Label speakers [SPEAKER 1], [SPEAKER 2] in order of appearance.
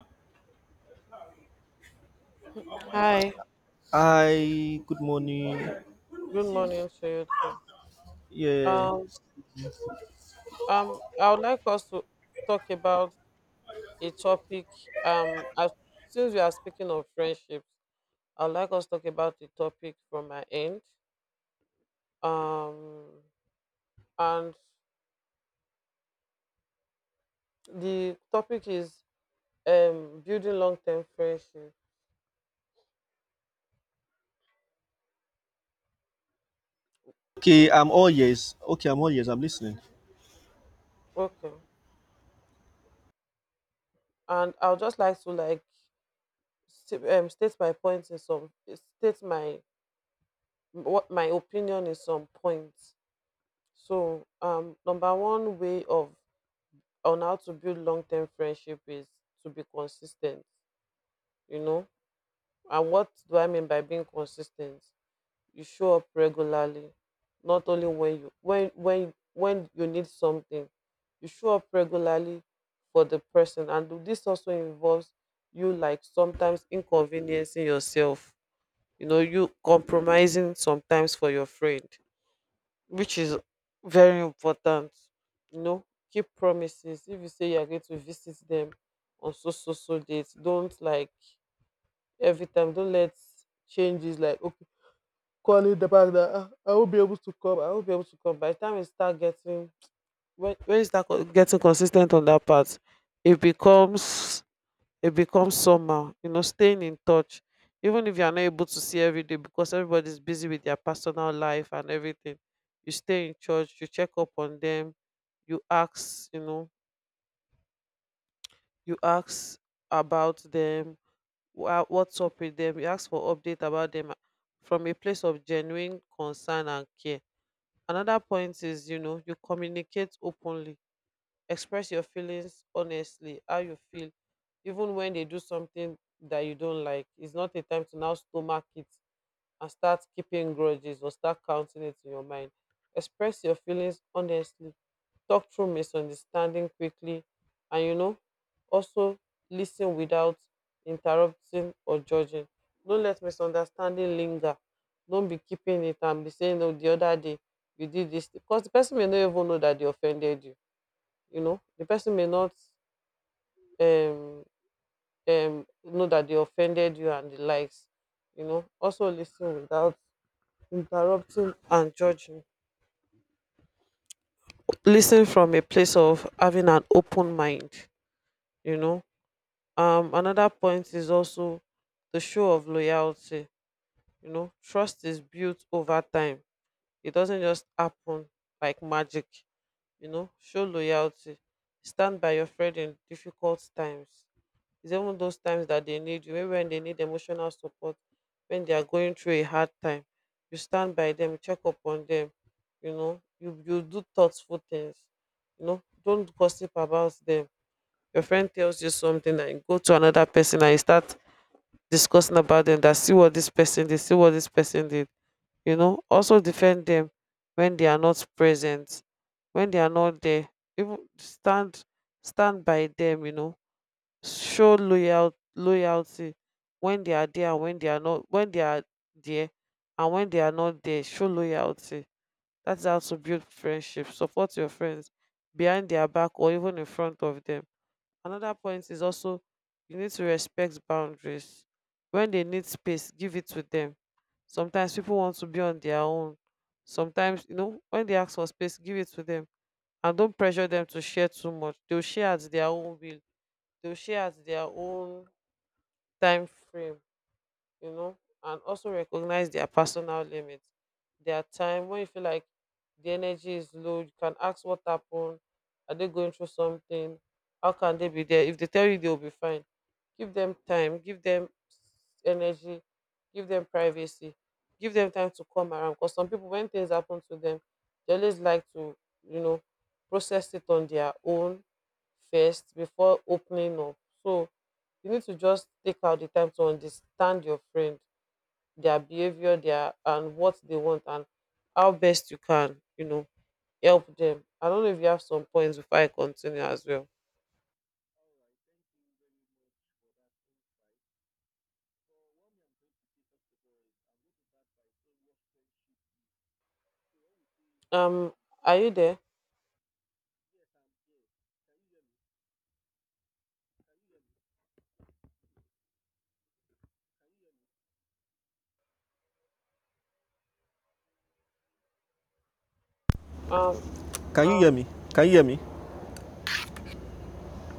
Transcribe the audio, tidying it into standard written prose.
[SPEAKER 1] Hi,
[SPEAKER 2] Hi, good morning.
[SPEAKER 1] good morning to you too.
[SPEAKER 2] Yeah.
[SPEAKER 1] Um, I would like us to talk about a topic. Um, as, since we are speaking of friendships, I would like us to talk about the topic from my end. Um, and the topic is building long-term friendship.
[SPEAKER 2] Okay, I'm all ears. I'm listening.
[SPEAKER 1] Okay, and I would just like to like state my points in some state my what my opinion in some points. So number one way of on how to build long-term friendship is to be consistent, you know. And what do I mean by being consistent? You show up regularly, not only when you need something. You show up regularly for the person, and this also involves you like sometimes inconveniencing yourself, you know, you compromising sometimes for your friend, which is very important. You know, keep promises. If you say you are going to visit them on so so so dates, don't like every time. Don't let changes like okay, calling the back that, "Ah, I won't be able to come. I won't be able to come." By the time you start getting, when you start getting consistent on that part, it becomes, somehow, you know, staying in touch. Even if you are not able to see every day, because everybody is busy with their personal life and everything, you stay in church, you check up on them, you ask, you know, you ask about them. What's up with them? You ask for update about them from a place of genuine concern and care. Another point is, you know, you communicate openly. Express your feelings honestly, how you feel. Even when they do something that you don't like, it's not a time to now stomach it and start keeping grudges or start counting it in your mind. Express your feelings honestly. Talk through misunderstanding quickly, and, you know, also listen without interrupting or judging. Don't let misunderstanding linger. Don't be keeping it and be saying, oh, the other day you did this, because the person may not even know that they offended you. You know, the person may not um know that they offended you and the likes. You know, also listen without interrupting and judging. Listen from a place of having an open mind, you know. Another point is also the show of loyalty. You know, trust is built over time. It doesn't just happen like magic. You know, show loyalty. Stand by your friend in difficult times. It's even those times that they need you, maybe when they need emotional support, when they are going through a hard time, you stand by them, you check up on them, you know, you do thoughtful things. You know, don't gossip about them. Your friend tells you something and you go to another person and you start discussing about them, that see what this person did, see what this person did. You know, also defend them when they are not present, when they are not there. Even stand by them. You know, show loyalty when they are there and when they are not, when they are there and when they are not there. Show loyalty. That's how to build friendship. Support your friends behind their back or even in front of them. Another point is also you need to respect boundaries. When they need space, give it to them. Sometimes people want to be on their own. Sometimes, you know, when they ask for space, give it to them, and don't pressure them to share too much. They'll share at their own will, they'll share at their own time frame, you know. And also recognize their personal limits, their time. When you feel like the energy is low, you can ask what happened. Are they going through something? How can they be there? If they tell you they'll be fine, give them time, give them energy, give them privacy, give them time to come around. Because some people, when things happen to them, they always like to, you know, process it on their own first before opening up. So you need to just take out the time to understand your friend, their behavior, their and what they want, and how best you can, you know, help them. I don't know if you have some points before I continue as well. Um, are you there? Um,
[SPEAKER 2] Can you hear me? Can you hear me?